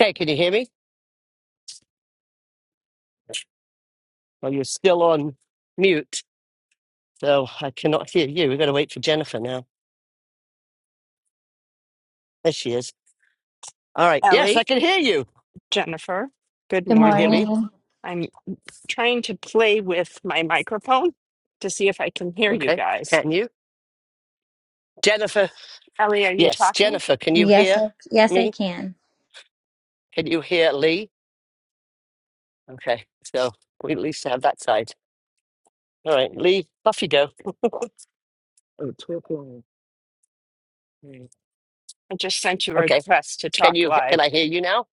Okay, can you hear me? Well, you're still on mute, so I cannot hear you. We've got to wait for Jennifer now. There she is. All right. Yes, Ellie, I can hear you. Jennifer, good Good Can you hear morning. me? morning. I'm trying to play with my microphone to see if I can hear you Okay. guys. Can you? Jennifer. Ellie, are you Yes, talking? Jennifer, can you Yes, hear I, yes, I me? can. Can you hear Lee? Okay. So we at least have that side. All right, Lee, off you go. Oh, talk line. Hmm. I just sent you a Okay. request to Can talk you can live. I hear you now?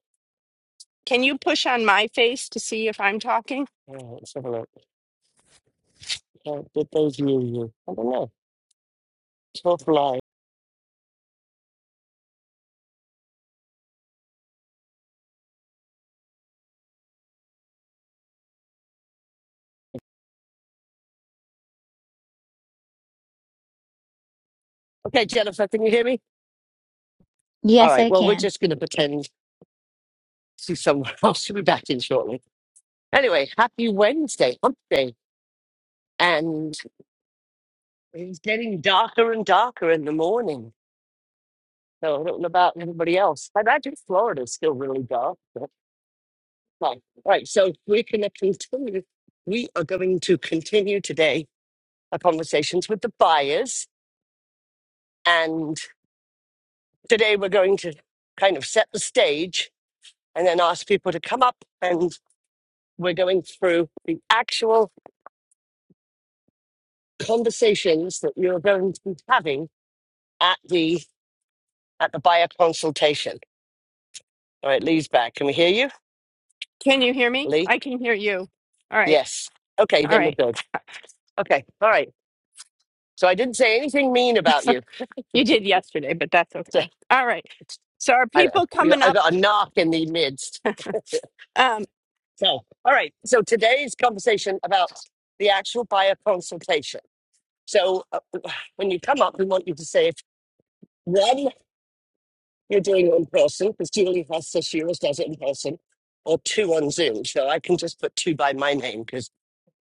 Can you push on my face to see if I'm talking? Oh, let's have a look. How did those hear you? I don't know. Talk line. Okay, Jennifer, can you hear me? All Yes, right. I Well, we're can. just going to pretend to somewhere else. She'll be back in shortly. Anyway, happy Wednesday, hump day. And it's getting darker and darker in the morning. So I don't know about everybody else. I imagine Florida is still really dark. But fine. All right, so we're going to continue. We are going to continue today our conversations with the buyers. And today we're going to kind of set the stage and then ask people to come up and we're going through the actual conversations that you're going to be having at the at the buyer consultation. All right, Lee's back. Can we hear you, Can you hear me? Lee? I can hear you. All right. Yes. Okay, All then we'll right. build. Okay, all right. So I didn't say anything mean about you. You did yesterday, but that's So, okay. All right. So are I don't know. people You- coming I up? got a knock in the midst. Um, So, all right. So today's conversation about the actual buyer consultation. So uh, when you come up, we want you to say if one you're doing it in person because Julie has says she always does it in person, or two on Zoom. So I can just put two by my name because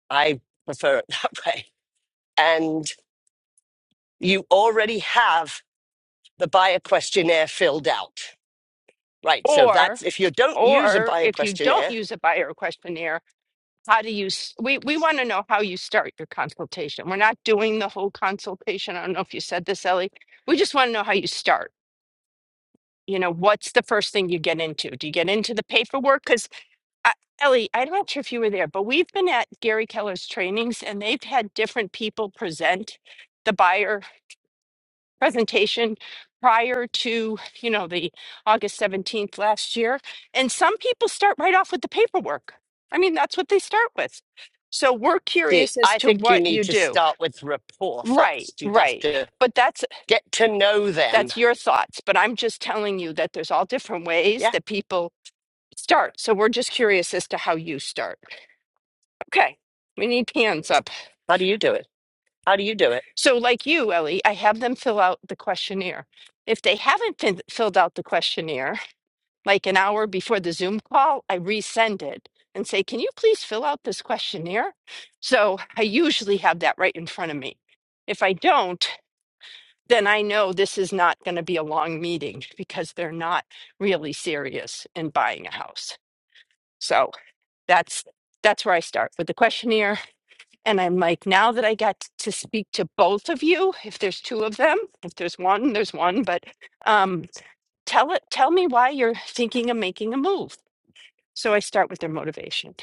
I prefer it that way. and you already have the buyer questionnaire filled out. Right. So or that's if you don't use a or buyer if you don't questionnaire, use a buyer questionnaire, how do you s- we we want to know how you start your consultation we're not doing the whole consultation i don't know if you said this ellie we just want to know how you start you know what's the first thing you get into do you get into the paperwork because ellie i'm not sure if you were there but we've been at gary keller's trainings and they've had different people present the buyer presentation prior to you know the august 17th last year and some people start right off with the paperwork i mean that's what they start with so we're see, curious as I to think you what need you to do start with rapport right first. You have right to but that's get to know them. that's your thoughts but i'm just telling you that there's all different ways Yeah. that people start so we're just curious as to how you start okay we need hands up How do you do it? How do you do it? so like you ellie i have them fill out the questionnaire if they haven't fin- filled out the questionnaire like an hour before the Zoom call, I resend it and say, Can you please fill out this questionnaire? So I usually have that right in front of me. If I don't, then I know this is not going to be a long meeting because they're not really serious in buying a house. So that's that's where I start with the questionnaire. And I'm like, now that I got to speak to both of you, if there's two of them, if there's one, there's one, but um, tell it tell me why you're thinking of making a move so I start with their motivation.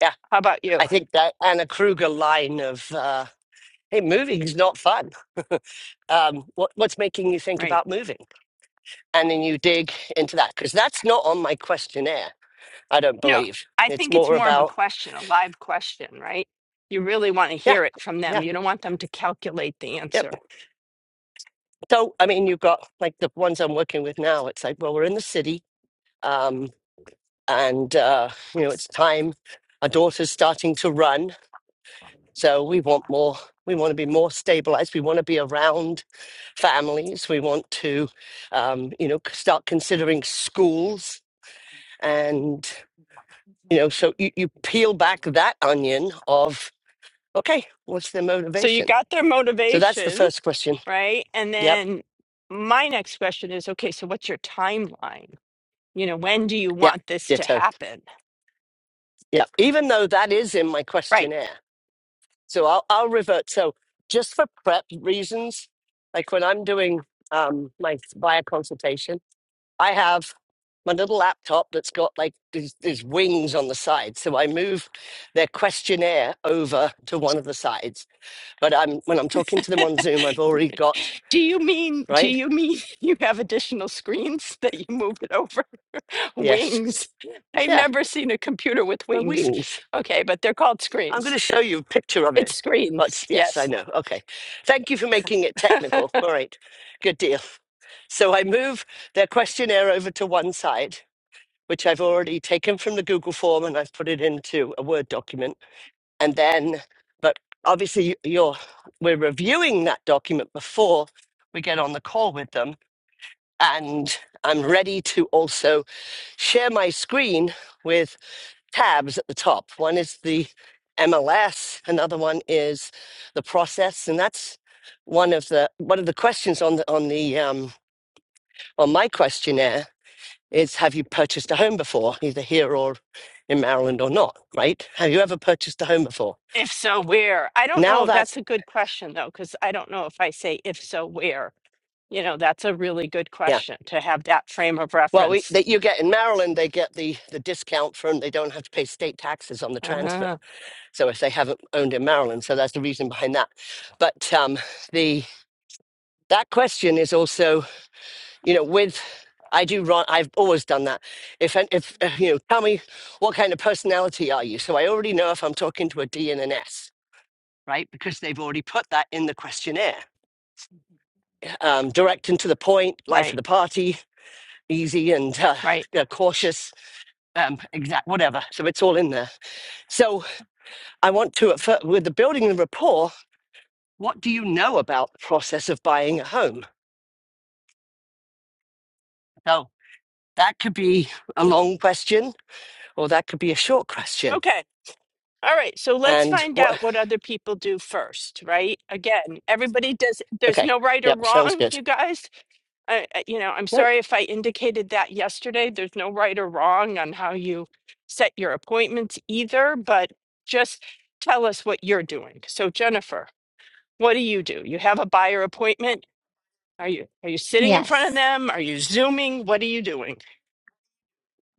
Yeah. How about you? I think that Anna Kruger line of, uh, hey, moving's not fun. Um, what, what's making you think Right. about moving? And then you dig into that because that's not on my questionnaire, I don't No, believe. I It's think it's more more of a about, question, a live question, right? You really want to yeah, hear it from them. yeah. You don't want them to calculate the Yep. answer. So, I mean, you've got like the ones I'm working with now. It's like, well, we're in the city, um, and uh, you know, it's time. Our daughter's starting to run, so we want more. We want to be more stabilized. We want to be around families. We want to, um, you know, start considering schools, and you know, so you, you peel back that onion of okay, what's their So you motivation? got their So that's the motivation, first question. right? And Yep, then my next question is okay, so what's your timeline? You know, when do you yep, want this to ditto. happen? Yeah, even though that is in my Right. questionnaire. So I'll, I'll revert. So just for prep reasons, like when I'm doing um, my buyer consultation, I have my little laptop that's got like these, these wings on the side. So I move their questionnaire over to one of the sides. But I'm when I'm talking to them on Zoom, I've already got Do you mean do right. you mean you have additional screens that you move it over? Yes, Wings. I've yeah, never seen a computer with my wings. wings. Okay, but they're called I'm going to screens. show you a picture of It's it. But screens, yes, I yes. know. Okay. Thank you for making it technical. All right. Good deal. So I move their questionnaire over to one side, which I've already taken from the Google form and I've put it into a Word document. And then, but obviously you're, we're reviewing that document before we get on the call with them. And I'm ready to also share my screen with tabs at the top. One is the MLS, another one is the process, and that's one of the one of the questions on the on the um, on my questionnaire is Have you purchased a home before, either here or in Maryland or not? Right? Have you ever purchased a home before? If so, where? I don't Now know. that's That's a good question, though, because I don't know if I say if so, where. You know, that's a really good yeah. question to have that frame of Well, we, reference. that you get in Maryland, they get the, the discount from they don't have to pay state taxes on the transfer. Uh, So if they haven't owned in Maryland, so that's the reason behind that. But um, the that question is also you know, with I do run. I've always done that. If an- if uh, you know, tell me what kind of personality are you? So I already know if I'm talking to a D and an S, right? Because they've already put that in the questionnaire. Um, direct and to the point, life of right, the party, easy and uh, right. uh, cautious, um, exact, whatever. So it's all in there. So I want to at fir- with the building the rapport. What do you know about the process of buying a home? So that could be a long question, or that could be a short question Okay. All right, so let's and find what? out what other people do first, right? Again, everybody does, there's Okay. no right or Yep. Sounds wrong, good. you guys. I, I- you know, I'm Nope. sorry if I indicated that yesterday. There's no right or wrong on how you set your appointments either, but just tell us what you're doing. So Jennifer, what do you do? You have a buyer appointment? Are you are you sitting in front of Yes. them? Are you zooming? What are you doing?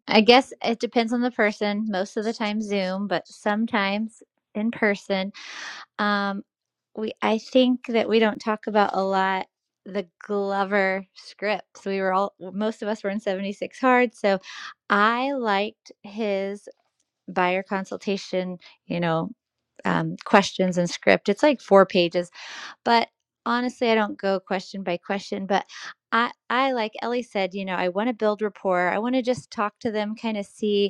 I guess it depends on the person. Most of the time Zoom, but sometimes in person. Um we I think that we don't talk about a lot the Glover scripts. We were all most of us were in 76 hard, so I liked his buyer consultation, you know, um, questions and script. It's like four pages. But honestly, I don't go question by question, but I I like Ellie said, you know, I want to build rapport. I want to just talk to them, kind of see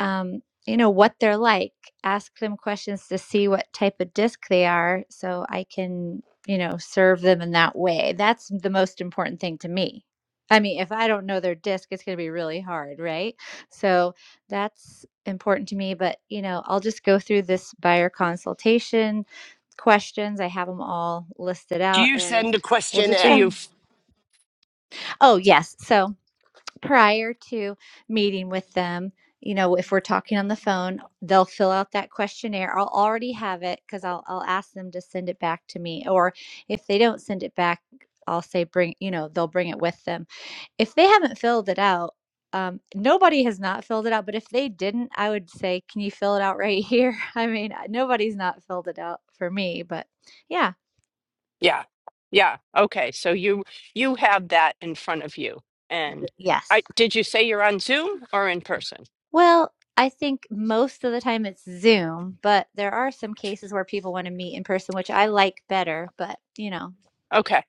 um, you know what they're like ask them questions to see what type of disc they are so i can you know serve them in that way that's the most important thing to me i mean if i don't know their disc it's going to be really hard right so that's important to me but you know i'll just go through this buyer consultation questions i have them all listed Do out you and send a we'll just So questionnaire? you kind of- oh yes so prior to meeting with them, you know, if we're talking on the phone, they'll fill out that questionnaire. I'll already have it because I'll I'll ask them to send it back to me. Or if they don't send it back, I'll say bring, you know, they'll bring it with them. If they haven't filled it out, um, nobody has not filled it out. But if they didn't, I would say, can you fill it out right here? I mean, nobody's not filled it out for me, but yeah, Yeah. Yeah. Okay. So you you have that in front of you. And yes. I did you say you're on Zoom or in person? Well, I think most of the time it's Zoom, but there are some cases where people want to meet in person, which I like better, but you know. Okay.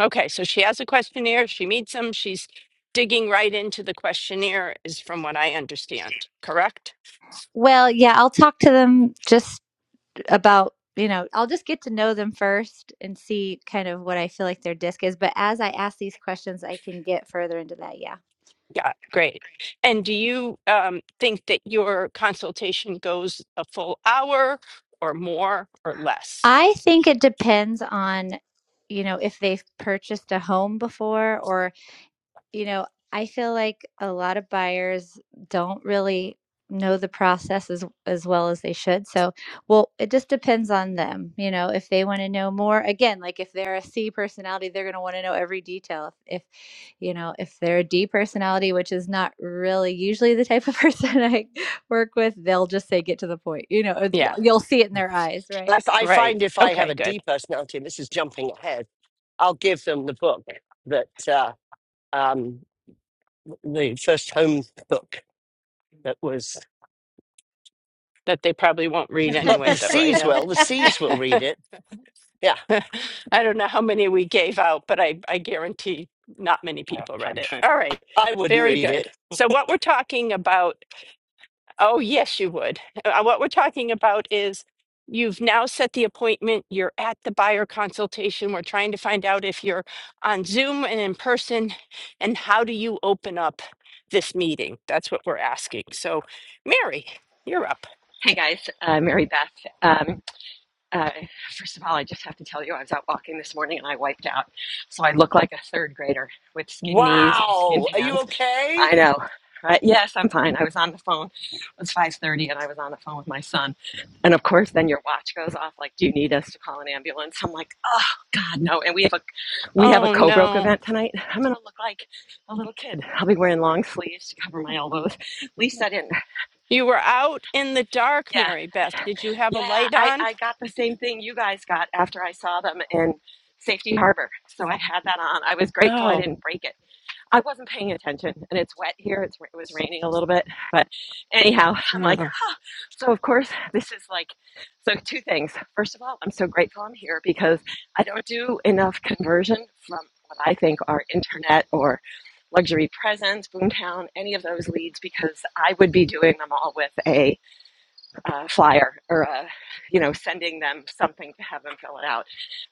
Okay. So she has a questionnaire, she meets them, she's digging right into the questionnaire is from what I understand, correct? Well, yeah, I'll talk to them just about, you know, I'll just get to know them first and see kind of what I feel like their disc is, but as I ask these questions, I can get further into that, yeah. Yeah, great. And do you um think that your consultation goes a full hour or more or less? I think it depends on, you know, if they've purchased a home before or. You know, I feel like a lot of buyers don't really know the process as as well as they should. So, well, it just depends on them, you know, if they want to know more. Again, like if they're a C personality, they're going to want to know every detail. If, if, you know, if they're a D personality, which is not really usually the type of person I work with, they'll just say get to the point. You know, uh, Yeah, you'll you'll see it in their eyes, right? That's, I right. find if I have Okay, a D good. personality, and this is jumping ahead, I'll give them the book that uh, um, the first home book that was. That they probably won't read But anyway the though, right, C's will. Al? The C's will read it. Yeah. I don't know how many we gave out, but I, I guarantee not many No, people read fine. it. True. All right. I wouldn't Very read good. it. So, what we're talking about, oh, yes, you would. Uh, what we're talking about is you've now set the appointment, you're at the buyer consultation. We're trying to find out if you're on Zoom and in person, and how do you open up this meeting? That's what we're asking. So, Mary, you're up. Hey guys, uh, Mary Beth. Um, uh, first of all, I just have to tell you, I was out walking this morning and I wiped out. So I look like a third grader with skin knees and skin Wow. Are you hands. okay? I know. Right? Yes, I'm fine. I was on the phone. It was 5.30 and I was on the phone with my son. And of course, then your watch goes off like, do you need us to call an ambulance? I'm like, oh God, no. And we have a, we have a Oh co-broke no. event tonight. I'm going to look like a little kid. I'll be wearing long sleeves to cover my elbows. At least I didn't. You were out in the dark, Yeah. Mary Beth. Did you have a Yeah, light I, on? I got the same thing you guys got after I saw them in Safety Harbor. So I had that on. I was grateful I Oh, didn't break it. I wasn't paying attention, and it's wet here. It's, it was raining a little bit. But anyhow, I'm like, uh, huh. So, of course, this is like, so two things. First of all, I'm so grateful I'm here because I don't do enough conversion from what I think are internet or luxury presence, Boomtown, any of those leads because I would be doing them all with a uh, flyer or a, you know sending them something to have them fill it out.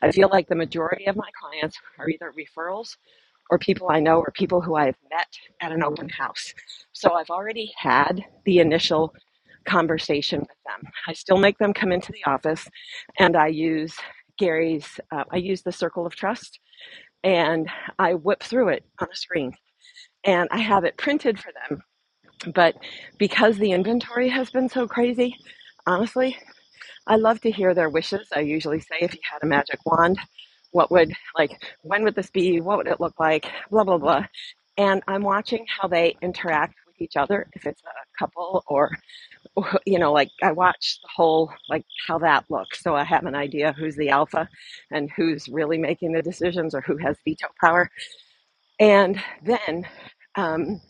I feel like the majority of my clients are either referrals or people I know or people who I've met at an open house. So I've already had the initial conversation with them. I still make them come into the office and I use Gary's, uh, I use the circle of trust and I whip through it on a screen and I have it printed for them. But because the inventory has been so crazy, honestly, I love to hear their wishes. I usually say, if you had a magic wand, what would, like, when would this be? What would it look like? Blah, blah, blah. And I'm watching how they interact with each other, if it's a couple or, you know, like I watch the whole, like, how that looks. So I have an idea who's the alpha and who's really making the decisions or who has veto power. And then, um,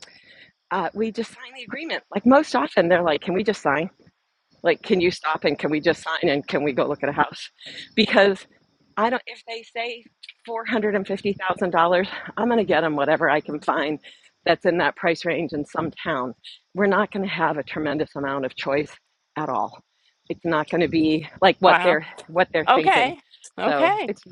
uh, we just sign the agreement. Like most often, they're like, "Can we just sign?" Like, can you stop and can we just sign and can we go look at a house? Because I don't, if they say $450,000, I'm going to get them whatever I can find that's in that price range in some town. We're not going to have a tremendous amount of choice at all. It's not going to be like what wow. they're what they're thinking. Okay. So Okay. it's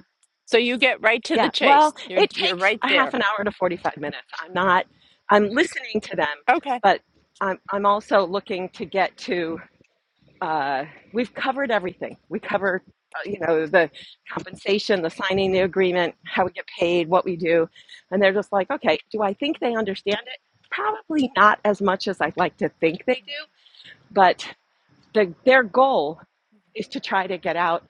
So you get right to the yeah. chase. Well, You're it you're takes right a half there. an hour to 45 minutes. I'm not. I'm listening to them, Okay. but I'm I'm also looking to get to uh, we've covered everything. We cover, uh, you know, the compensation, the signing the agreement, how we get paid, what we do. And they're just like, okay, do I think they understand it? Probably not as much as I'd like to think they do, but the, their goal is to try to get out.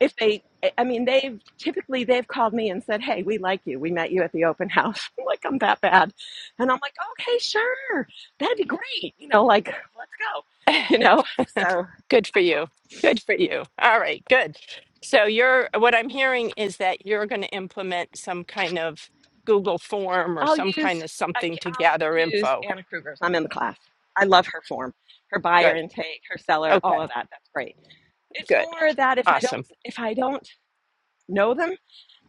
If they, I mean, they've typically they've called me and said, "Hey, we like you. We met you at the open house. I'm like I'm that bad," and I'm like, "Okay, sure, that'd be great. You know, like let's go." You know, so Good for you. Good for you. All right, good. So you're what I'm hearing is that you're going to implement some kind of Google form or I'll some kind use of I something to will gather use info. Anna Kruger's. I'm in the class. I love her form, her buyer Good. intake, her seller, all Okay. of that. That's great. It's Good. more that if I don't Awesome. if I don't know them,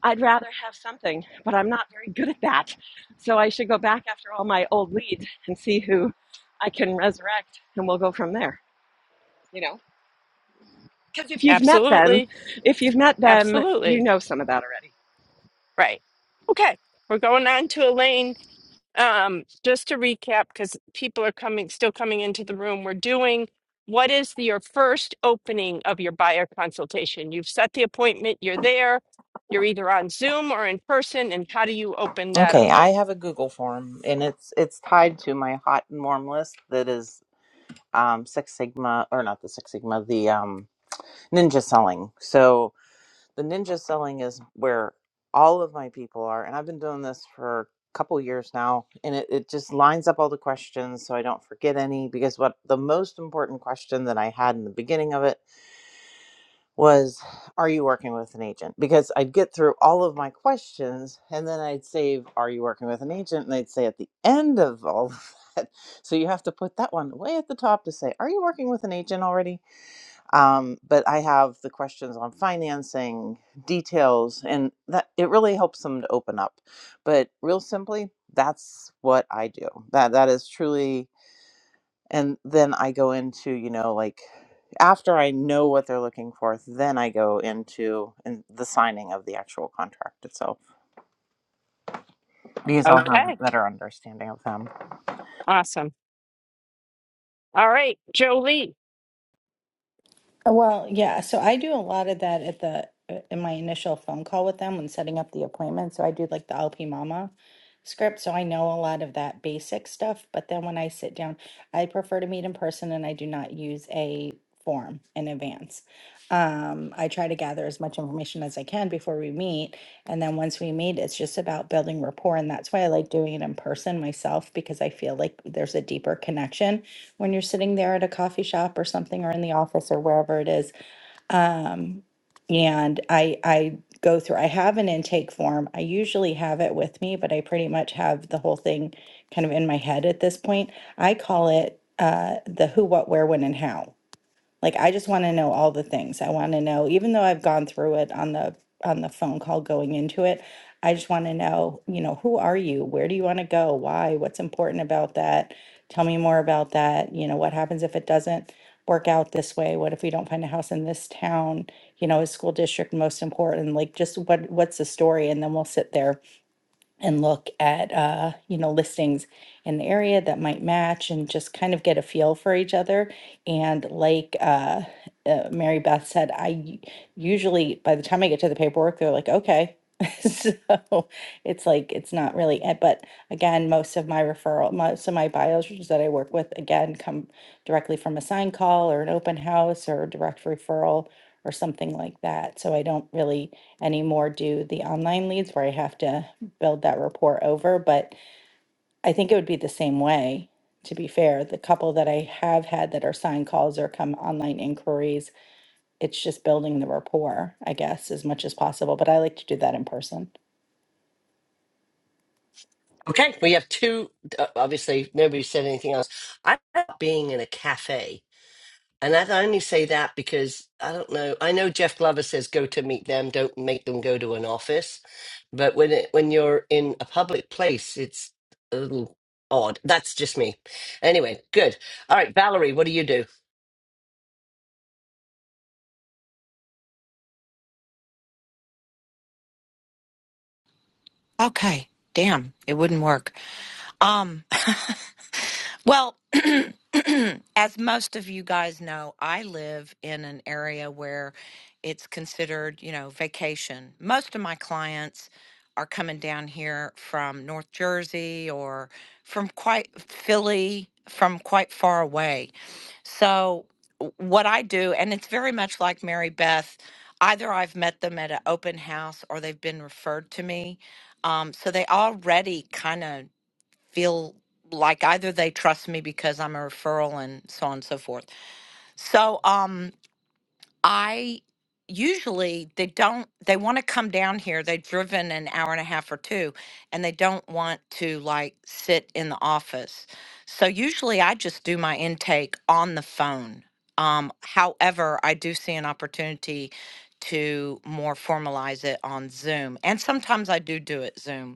I'd rather have something, but I'm not very good at that. So I should go back after all my old leads and see who I can resurrect, and we'll go from there. You know, because if you've met them, Absolutely. if you've met them, you Absolutely. know some of that already. Right. Okay. We're going on to Elaine. um, just to recap, because people are coming, still coming into the room, we're doing what is the, your first opening of your buyer consultation? You've set the appointment, you're there, you're either on Zoom or in person, and how do you open that up? Okay, I have a Google form and it's it's tied to my hot and warm list that is um Six Sigma or not the Six Sigma, the um ninja selling. So the ninja selling is where all of my people are and I've been doing this for a couple years now and it, it just lines up all the questions so I don't forget any because what the most important question that I had in the beginning of it was are you working with an agent because i'd get through all of my questions and then i'd save are you working with an agent and they'd say at the end of all of that so you have to put that one way at the top to say are you working with an agent already um, but i have the questions on financing details and that it really helps them to open up but real simply that's what i do that that is truly and then i go into you know like after i know what they're looking for then i go into in the signing of the actual contract itself because i'll have a Okay, better understanding of them awesome. All right, Jolie. Uh, Well, yeah. So I do a lot of that at the uh, in my initial phone call with them when setting up the appointment. So I do like the LP Mama script, so I know a lot of that basic stuff. But then when I sit down, I prefer to meet in person, and I do not use a form in advance. Um, I try to gather as much information as I can before we meet, and then once we meet, it's just about building rapport, and that's why I like doing it in person myself because I feel like there's a deeper connection when you're sitting there at a coffee shop or something or in the office or wherever it is um, and i i go through i have an intake form i usually have it with me but i pretty much have the whole thing kind of in my head at this point i call it uh, the who what where when and how like I just want to know all the things. I want to know, even though I've gone through it on the on the phone call going into it, I just want to know, you know, who are you? Where do you want to go? Why? What's important about that? Tell me more about that. You know, what happens if it doesn't work out this way? What if we don't find a house in this town? You know, is school district most important? Like just what what's the story? And then we'll sit there and look at uh, you know listings in the area that might match and just kind of get a feel for each other and like uh, uh, mary beth said i u- usually by the time i get to the paperwork they're like okay so it's like it's not really it but again most of my referral most of my bios that i work with again come directly from a sign call or an open house or a direct referral or something like that so i don't really anymore do the online leads where I have to build that rapport over. But I think it would be the same way, to be fair. The couple that I have had that are signed calls or come online inquiries, it's just building the rapport, I guess, as much as possible. But I like to do that in person. Okay. We have two. Uh, obviously, nobody said anything else. I love being in a cafe And I only say that because I don't know. I know Jeff Glover says go to meet them, don't make them go to an office. But when it when you're in a public place, it's a little odd. That's just me. Anyway, good. All right, Valerie, what do you do? Okay. Damn, it wouldn't work. Um, well, as most of you guys know, I live in an area where it's considered, you know, vacation. Most of my clients are coming down here from North Jersey or from quite Philly, from quite far away. So, w- what I do, and it's very much like Mary Beth, either I've met them at an open house or they've been referred to me. Um, so they already kind of feel like either they trust me because I'm a referral and so on and so forth. So um I usually they don't they want to come down here. They've driven an hour and a half or two and they don't want to like sit in the office. So usually I just do my intake on the phone. Um however, I do see an opportunity to more formalize it on Zoom. And sometimes I do do it Zoom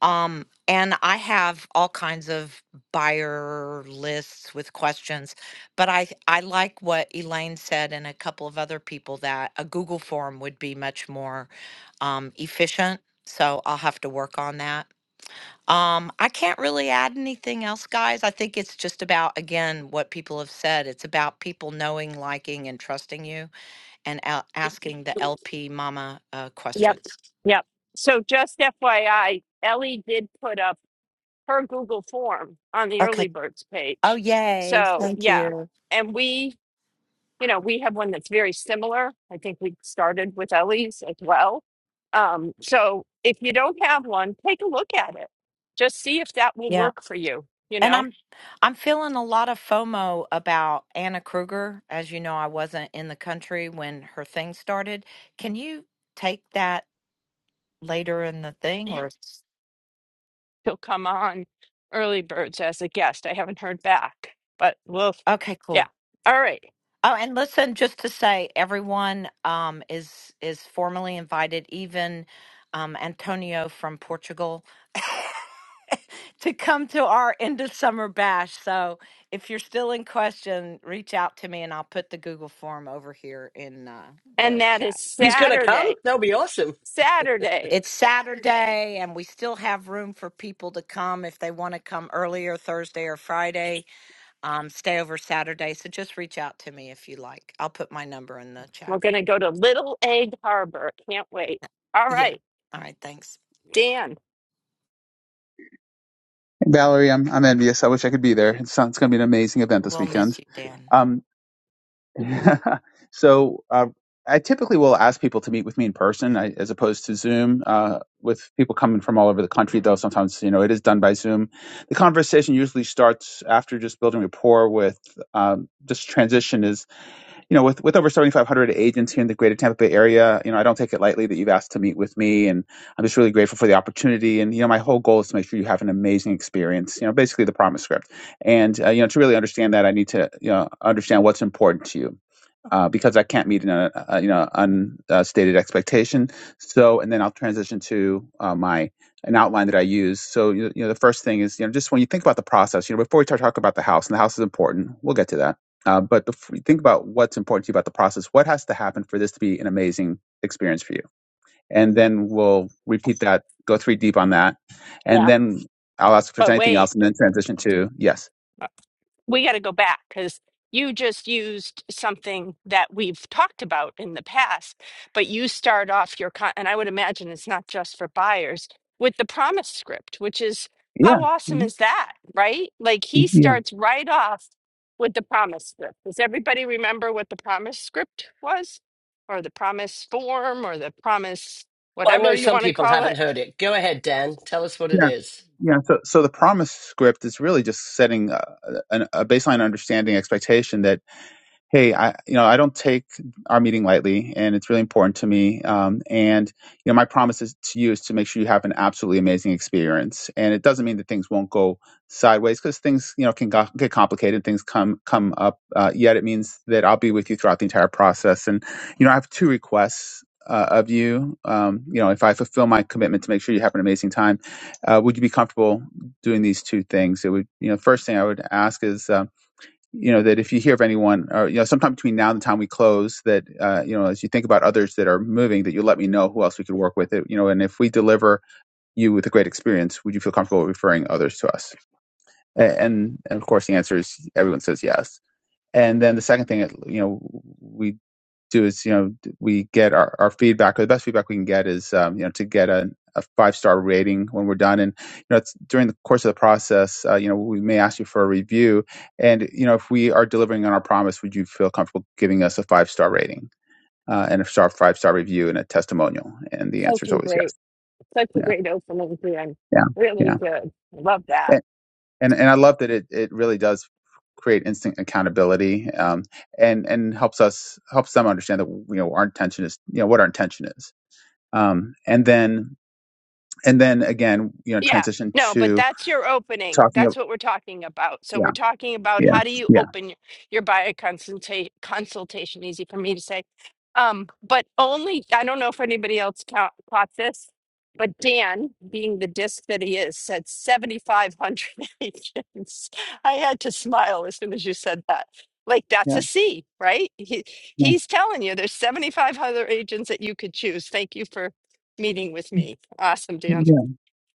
um, and I have all kinds of buyer lists with questions, but I I like what Elaine said and a couple of other people that a Google form would be much more um, efficient. So I'll have to work on that. Um, I can't really add anything else, guys. I think it's just about again what people have said. It's about people knowing, liking, and trusting you, and a- asking the LP Mama uh, Yep, questions. yep. So just FYI, Ellie did put up her Google form on the Okay. early birds Oh, page. yay. So Thank yeah, you. and we you know, we have one that's very similar. I think we started with Ellie's as well. Um, so if you don't have one, take a look at it. Just see if that will Yeah. work for you. You And know, I'm I'm feeling a lot of FOMO about Anna Kruger. As you know, I wasn't in the country when her thing started. Can you take that later in the thing Yeah. or he'll come on early birds as a guest. I haven't heard back, but we'll, okay, yeah. cool. All right. Oh, and listen, just to say everyone um is is formally invited, even um Antonio from Portugal to come to our end of summer bash. So if you're still in question, reach out to me and I'll put the Google form over here in uh, And the that chat. is He's gonna come. Saturday. That'll be awesome. Saturday, It's Saturday, and we still have room for people to come if they want to come earlier Thursday or Friday, um, stay over Saturday. So just reach out to me if you like. I'll put my number in the we're chat. going to go to Little Egg Harbor. Can't wait. All Yeah. right, All right. Thanks. Dan. Valerie, I'm I'm envious. I wish I could be there. It's It's going to be an amazing event this We'll miss weekend. you, Dan. Um, so uh, I typically will ask people to meet with me in person I, as opposed to Zoom. Uh, with people coming from all over the country, though, sometimes you know it is done by Zoom. The conversation usually starts after just building rapport with um, just transition is you know, with, with over 7,500 agents here in the greater Tampa Bay area, you know, I don't take it lightly that you've asked to meet with me. And I'm just really grateful for the opportunity. And, you know, my whole goal is to make sure you have an amazing experience, you know, basically the promise script. And, uh, you know, to really understand that, I need to, you know, understand what's important to you uh, because I can't meet an uh, uh, you know unstated expectation. So, and then I'll transition to uh, my an outline that I use. So, you you know, the first thing is you know just when you think about the process, you know, before we start talking about the house, and the house is important, we'll get to that. Uh, but before you think about what's important to you about the process, what has to happen for this to be an amazing experience for you, and then we'll repeat that, go three deep on that, and Yeah. then I'll ask if there's But anything wait. else, and then transition to yes, we got to go back because you just used something that we've talked about in the past, but you start off your con, and I would imagine it's not just for buyers with the promise script, which is yeah, how awesome is that, right? Like he Mhm. starts right off with the promise script. Does everybody remember what the promise script was, or the promise form, or the promise Well, I whatever know you some want to people call haven't it? heard it. Go ahead, Dan. Tell us what it Yeah. is. Yeah. So, so the promise script is really just setting a, a, a baseline understanding expectation that hey, I, you know, I don't take our meeting lightly, and it's really important to me. Um, and you know, my promise is to you is to make sure you have an absolutely amazing experience. And it doesn't mean that things won't go sideways because things, you know, can go, get complicated. Things come come up. Uh, yet it means that I'll be with you throughout the entire process. And you know, I have two requests. Uh, of you, um, you know, if I fulfill my commitment to make sure you have an amazing time, uh, would you be comfortable doing these two things? It would, you know, first thing I would ask is, um, you know that if you hear of anyone or you know sometime between now and the time we close that uh, you know as you think about others that are moving that you let me know who else we could work with it you know and if we deliver you with a great experience would you feel comfortable referring others to us and and of course the answer is everyone says yes and then the second thing you know we do is you know we get our, our feedback or the best feedback we can get is um, you know to get a, a five star rating when we're done and you know it's during the course of the process uh, you know we may ask you for a review and you know if we are delivering on our promise would you feel comfortable giving us a five star rating uh, and a star five star review and a testimonial and the answer Such is a always yes great, such a yeah great opening, Dan. yeah Really yeah good. Love that. and and, and I love that it it really does create instant accountability um, and and helps us helps them understand that you know our intention is you know what our intention is um, and then and then again, you know, Yeah. transition No, but to that's your opening. talking That's of what we're talking about. So yeah, we're talking about yeah, how do you yeah, open y- your buyer consulta- consultation, easy for me to say. Um, but only, I don't know if anybody else ca- caught this, but Dan, being the disc that he is, said 7,500 agents. I had to smile as soon as you said that. Like that's yeah, a C, right? He, yeah, he's telling you there's 7,500 agents that you could choose. Thank you for meeting with me. Awesome, Dan. yeah,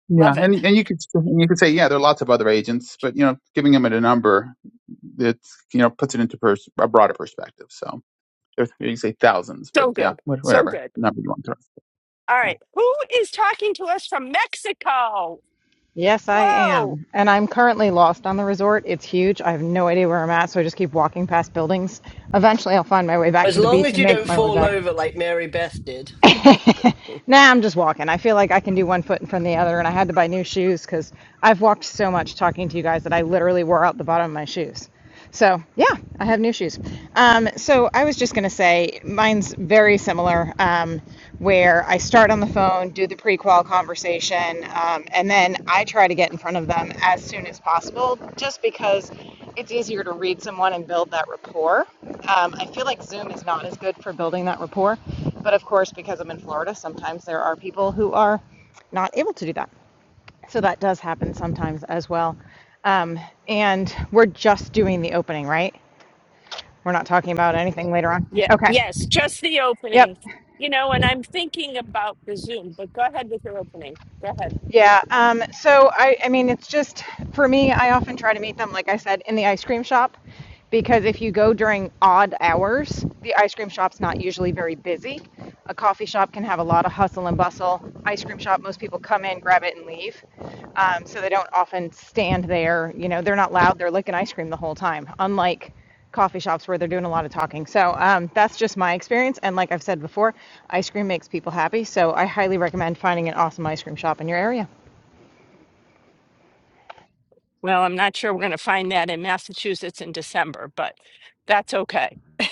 yeah. Love it. And and you could and you could say yeah, there are lots of other agents, but you know, giving them a number it's you know puts it into pers- a broader perspective. So there's, you can say thousands, but So yeah, good. what- So whatever good. number you want to throw. All right. Who is talking to us from Mexico? Yes, I Whoa. am. And I'm currently lost on the resort. It's huge. I have no idea where I'm at, so I just keep walking past buildings. Eventually, I'll find my way back As to the long beach as and you make don't my way fall back. over like Mary Beth did. Nah, I'm just walking. I feel like I can do one foot in front of the other, and I had to buy new shoes because I've walked so much talking to you guys that I literally wore out the bottom of my shoes. So, yeah, I have new shoes. Um, so, I was just going to say mine's very similar, um, where I start on the phone, do the prequalification call conversation. Um, and then I try to get in front of them as soon as possible just because it's easier to read someone and build that rapport. Um, I feel like Zoom is not as good for building that rapport. But of course, because I'm in Florida, sometimes there are people who are not able to do that. So that does happen sometimes as well. Um, and we're just doing the opening, right? We're not talking about anything later on. Yeah. Okay. Yes. Just the Yep. opening. You know, and I'm thinking about the Zoom, but go ahead with your opening. Go ahead. Yeah. Um, so I, I mean, it's just for me. I often try to meet them, like I said, in the ice cream shop, because if you go during odd hours, the ice cream shop's not usually very busy. A coffee shop can have a lot of hustle and bustle. Ice cream shop, most people come in, grab it, and leave. Um, so they don't often stand there. You know, they're not loud. They're licking ice cream the whole time. Unlike coffee shops where they're doing a lot of talking. So um, that's just my experience. And like I've said before, ice cream makes people happy. So I highly recommend finding an awesome ice cream shop in your area. Well, I'm not sure we're going to find that in Massachusetts in December, but that's okay.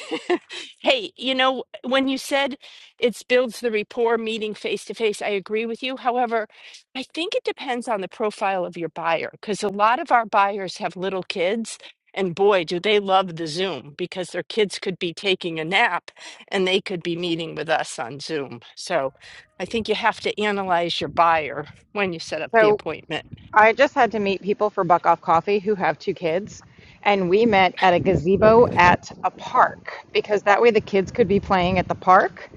Hey, you know, when you said it builds the rapport meeting face to face, I agree with you. However, I think it depends on the profile of your buyer because a lot of our buyers have little kids, and boy, do they love the Zoom because their kids could be taking a nap and they could be meeting with us on Zoom. So I think you have to analyze your buyer when you set up the So. appointment. I just had to meet people for Buck Off Coffee who have two kids, and we met at a gazebo at a park because that way the kids could be playing at the park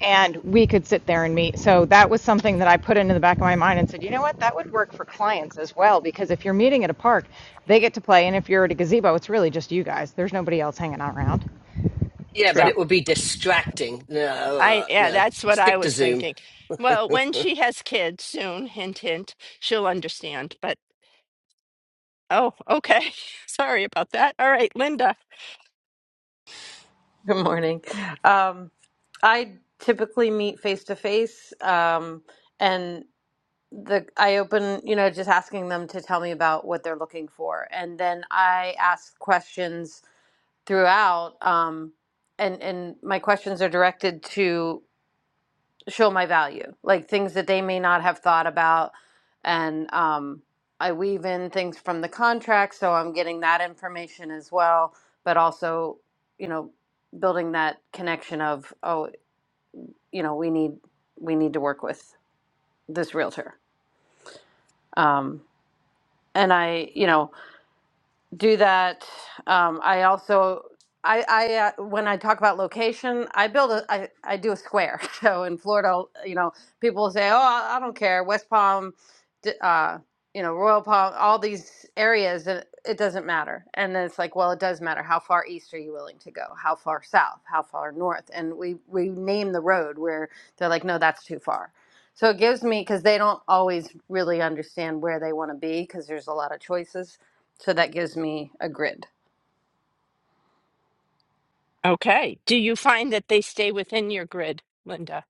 and we could sit there and meet. So that was something that I put into the back of my mind and said, you know what, that would work for clients as well because if you're meeting at a park, they get to play, and if you're at a gazebo, it's really just you guys. There's nobody else hanging out around. Yeah, True. but So. it would be distracting. No, I uh, yeah, no. that's what I Stick to was Zoom. thinking. Well, when she has kids soon, hint hint, she'll understand. But oh, okay. Sorry about that. All right, Linda. Good morning. Um, I typically meet face to face, um, and the I open, you know, just asking them to tell me about what they're looking for, and then I ask questions throughout. Um, and and my questions are directed to show my value, like things that they may not have thought about. And um, I weave in things from the contract, so I'm getting that information as well, but also, you know, building that connection of, oh, you know, we need we need to work with this realtor. Um, and I, you know, do that. Um, I also, I, I uh, when I talk about location, I build a, I, I do a square. So in Florida, you know, people will say, "Oh, I, I don't care, West Palm, d- uh, you know, Royal Palm, all these areas," and it doesn't matter. And then it's like, well, it does matter. How far east are you willing to go? How far south? How far north? And we we name the road where they're like, "No, that's too far." So it gives me because they don't always really understand where they want to be because there's a lot of choices so that gives me a grid. Okay. Do you find that they stay within your grid, Linda?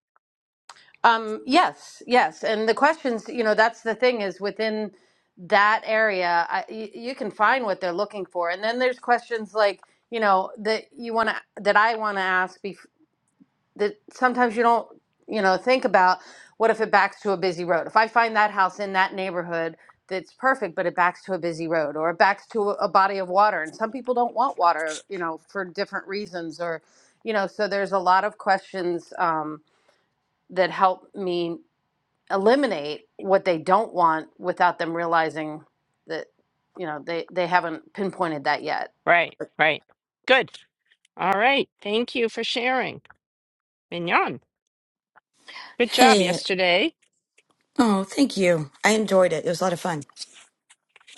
Um, yes, yes. And the questions, you know, that's the thing is within that area, I, y- you can find what they're looking for. And then there's questions like, you know, that you want to, that I want to ask bef- that sometimes you don't, you know, think about what if it backs to a busy road? If I find that house in that neighborhood that's perfect, but it backs to a busy road or it backs to a, a body of water. And some people don't want water, you know, for different reasons or, you know, so there's a lot of questions. Um, that help me eliminate what they don't want without them realizing that you know they they haven't pinpointed that yet Right, right. Good. All right. Thank you for sharing. Mignon. Good job Hey, yesterday. oh, thank you. I enjoyed it. It was a lot of fun.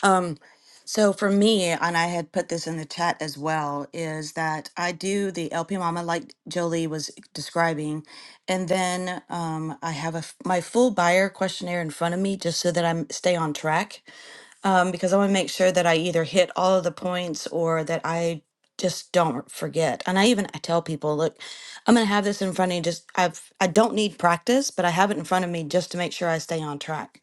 Um, so for me, and I had put this in the chat as well, is that I do the LP Mama like Jolie was describing, and then um, I have a f- my full buyer questionnaire in front of me just so that I am stay on track um, because I want to make sure that I either hit all of the points or that I just don't forget. And I even I tell people, look, I'm going to have this in front of you. Just I've I don't need practice, but I have it in front of me just to make sure I stay on track.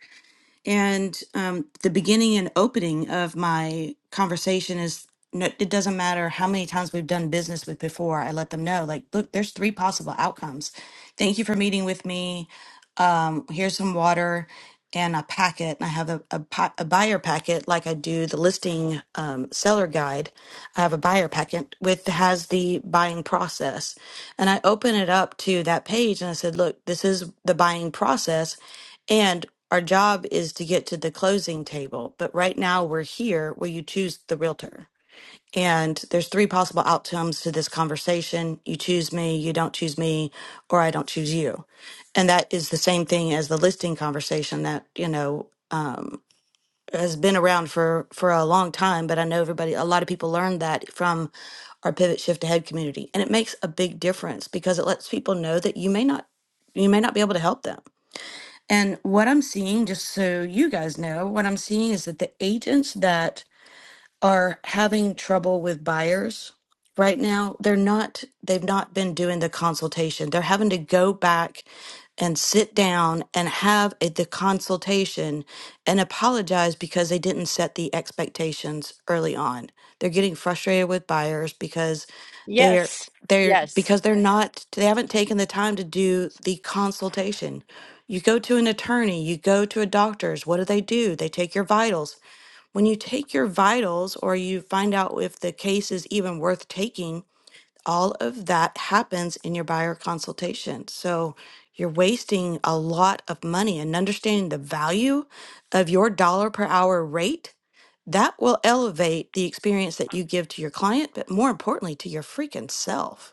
And um, the beginning and opening of my conversation is. No, it doesn't matter how many times we've done business with before. I let them know, like, look, there's three possible outcomes. Thank you for meeting with me um, here's some water and a packet. And I have a, a, pa- a buyer packet, like I do the listing um, seller guide. I have a buyer packet with has the buying process, and I open it up to that page, and I said, "Look, this is the buying process, and." Our job is to get to the closing table, but right now we're here where you choose the realtor. And there's three possible outcomes to this conversation. You choose me, you don't choose me, or I don't choose you. And that is the same thing as the listing conversation that, you know, has been around for for a long time, but I know everybody a lot of people learned that from our pivot shift ahead community. And it makes a big difference because it lets people know that you may not you may not be able to help them. And what I'm seeing, just so you guys know, what I'm seeing is that the agents that are having trouble with buyers right now. They're not, they've not been doing the consultation. They're having to go back and sit down and have a, the consultation and apologize because they didn't set the expectations early on. They're getting frustrated with buyers because they're Yes. they're Yes. because they're not they haven't taken the time to do the consultation. You go to an attorney, you go to a doctor's, what do they do? They take your vitals when you take your vitals or you find out if the case is even worth taking, all of that happens in your buyer consultation. So you're wasting a lot of money and understanding the value of your dollar per hour rate. That will elevate the experience that you give to your client, but more importantly, to your freaking self.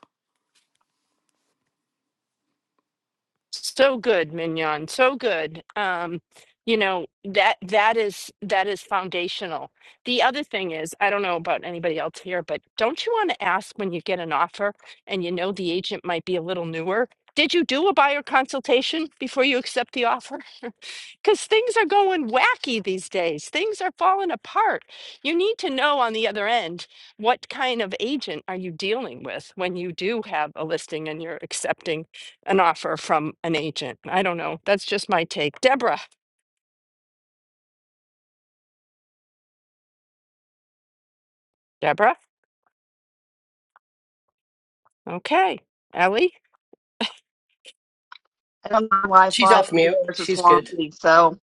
So good, Mignon. So good. Um, you know, that that is that is foundational. The other thing is, I don't know about anybody else here, but don't you want to ask when you get an offer and you know the agent might be a little newer? Did you do a buyer consultation before you accept the offer? because things are going wacky these days. Things are falling apart. You need to know on the other end what kind of agent are you dealing with when you do have a listing and you're accepting an offer from an agent. I don't know. That's just my take. Deborah. Deborah. Okay. Ellie. I don't have She's Wi-Fi off mute. yours is She's good. swampy. So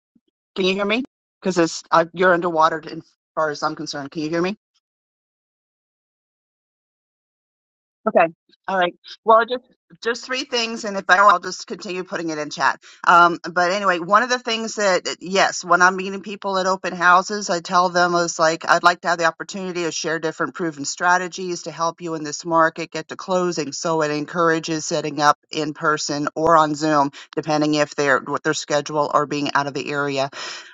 can you hear me? Because it's uh, you're underwater as far as I'm concerned. Can you hear me? Okay. All right. Well, just just three things, and if I don't, I'll just continue putting it in chat. Um, but anyway, one of the things that yes, when I'm meeting people at open houses, I tell them is like I'd like to have the opportunity to share different proven strategies to help you in this market get to closing. So it encourages setting up in person or on Zoom, depending if they're what their schedule or being out of the area.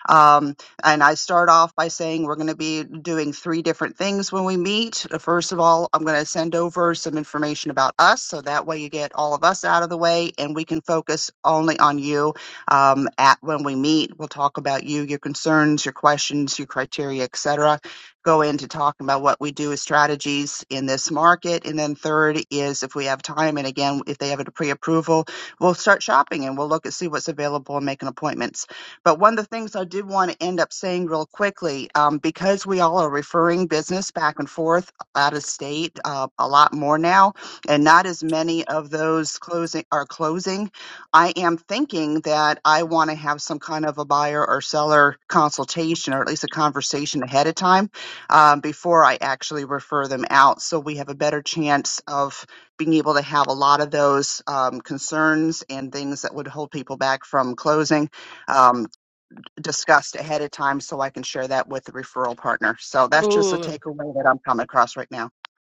Um, and I start off by saying we're going to be doing three different things when we meet. Uh, First of all, I'm going to send over some information about us so that way you get all of us out of the way and we can focus only on you um, at when we meet. We'll talk about you, your concerns, your questions, your criteria, etc. Go into talking about what we do as strategies in this market. And then third is if we have time and again if they have a pre-approval, we'll start shopping and we'll look and see what's available and make an appointment. But one of the things I did want to end up saying real quickly, um, because we all are referring business back and forth out of state uh, a lot more now, and not as many of those closing are closing. I am thinking that I want to have some kind of a buyer or seller consultation, or at least a conversation ahead of time um, before I actually refer them out, so we have a better chance of being able to have a lot of those um, concerns and things that would hold people back from closing. Um, discussed ahead of time so I can share that with the referral partner. So that's just a Ooh, takeaway that I'm coming across right now.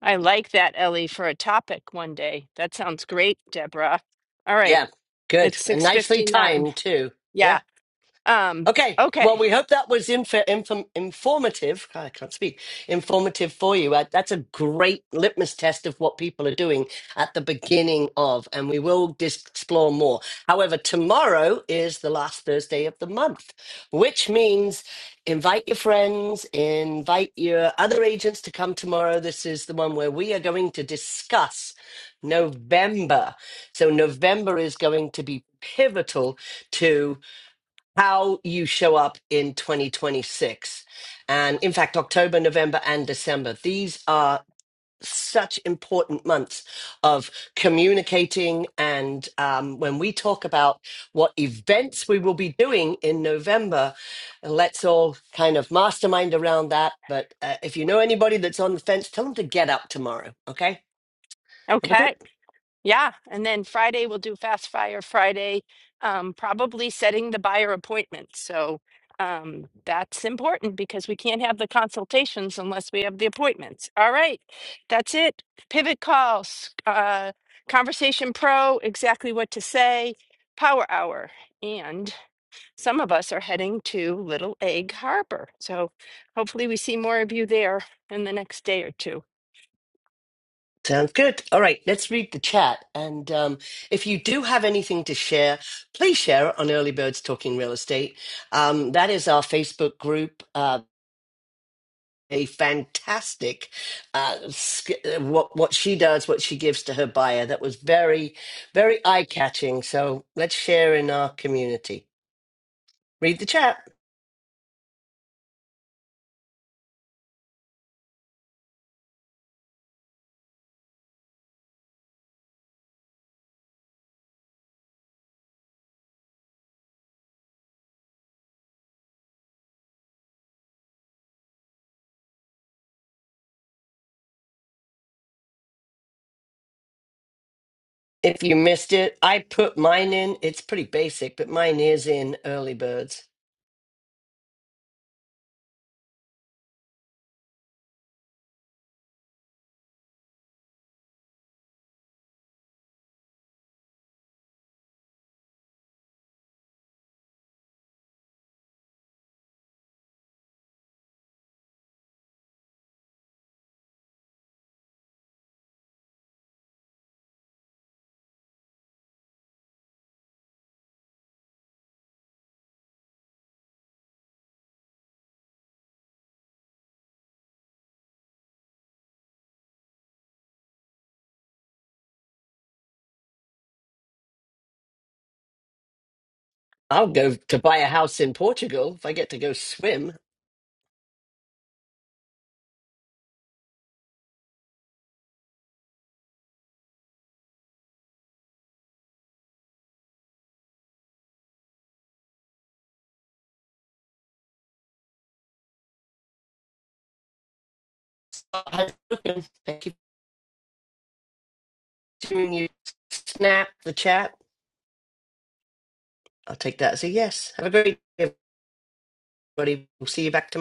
I like that, Ellie, for a topic one day. That sounds great, Deborah. All right. Yeah, good. It's And nicely 6:59. timed, too. Yeah. Yeah. Um Okay. Well, okay. we hope that was inf- inform informative. I can't speak. Informative for you. Uh, That's a great litmus test of what people are doing at the beginning of, and we will dis- explore more. However, tomorrow is the last Thursday of the month, which means invite your friends, invite your other agents to come tomorrow. This is the one where we are going to discuss November. So, November is going to be pivotal to how you show up in 2026. And in fact, October, November, and December, these are such important months of communicating. And um, when we talk about what events we will be doing in November, let's all kind of mastermind around that. But uh, if you know anybody that's on the fence, tell them to get up tomorrow. Okay. That was it. Okay. Yeah, and then Friday we'll do Fast Fire Friday, um, probably setting the buyer appointment. So um, that's important because we can't have the consultations unless we have the appointments. All right, that's it. Pivot calls, uh, Conversation Pro, exactly what to say, Power Hour. And some of us are heading to Little Egg Harbor. So hopefully we see more of you there in the next day or two. Sounds good. All right, let's read the chat. And um, if you do have anything to share, please share it on Early Birds Talking Real Estate. Um, that is our Facebook group. Uh, a fantastic uh, sk- uh, what what she does, what she gives to her buyer. That was very, very eye catching. So let's share in our community. Read the chat. If you missed it, I put mine in. It's pretty basic, but mine is in Early Birds. I'll go to buy a house in Portugal if I get to go swim. Thank you for tuning you. Snap the chat. I'll take that as a yes. Have a great day, everybody. We'll see you back tomorrow.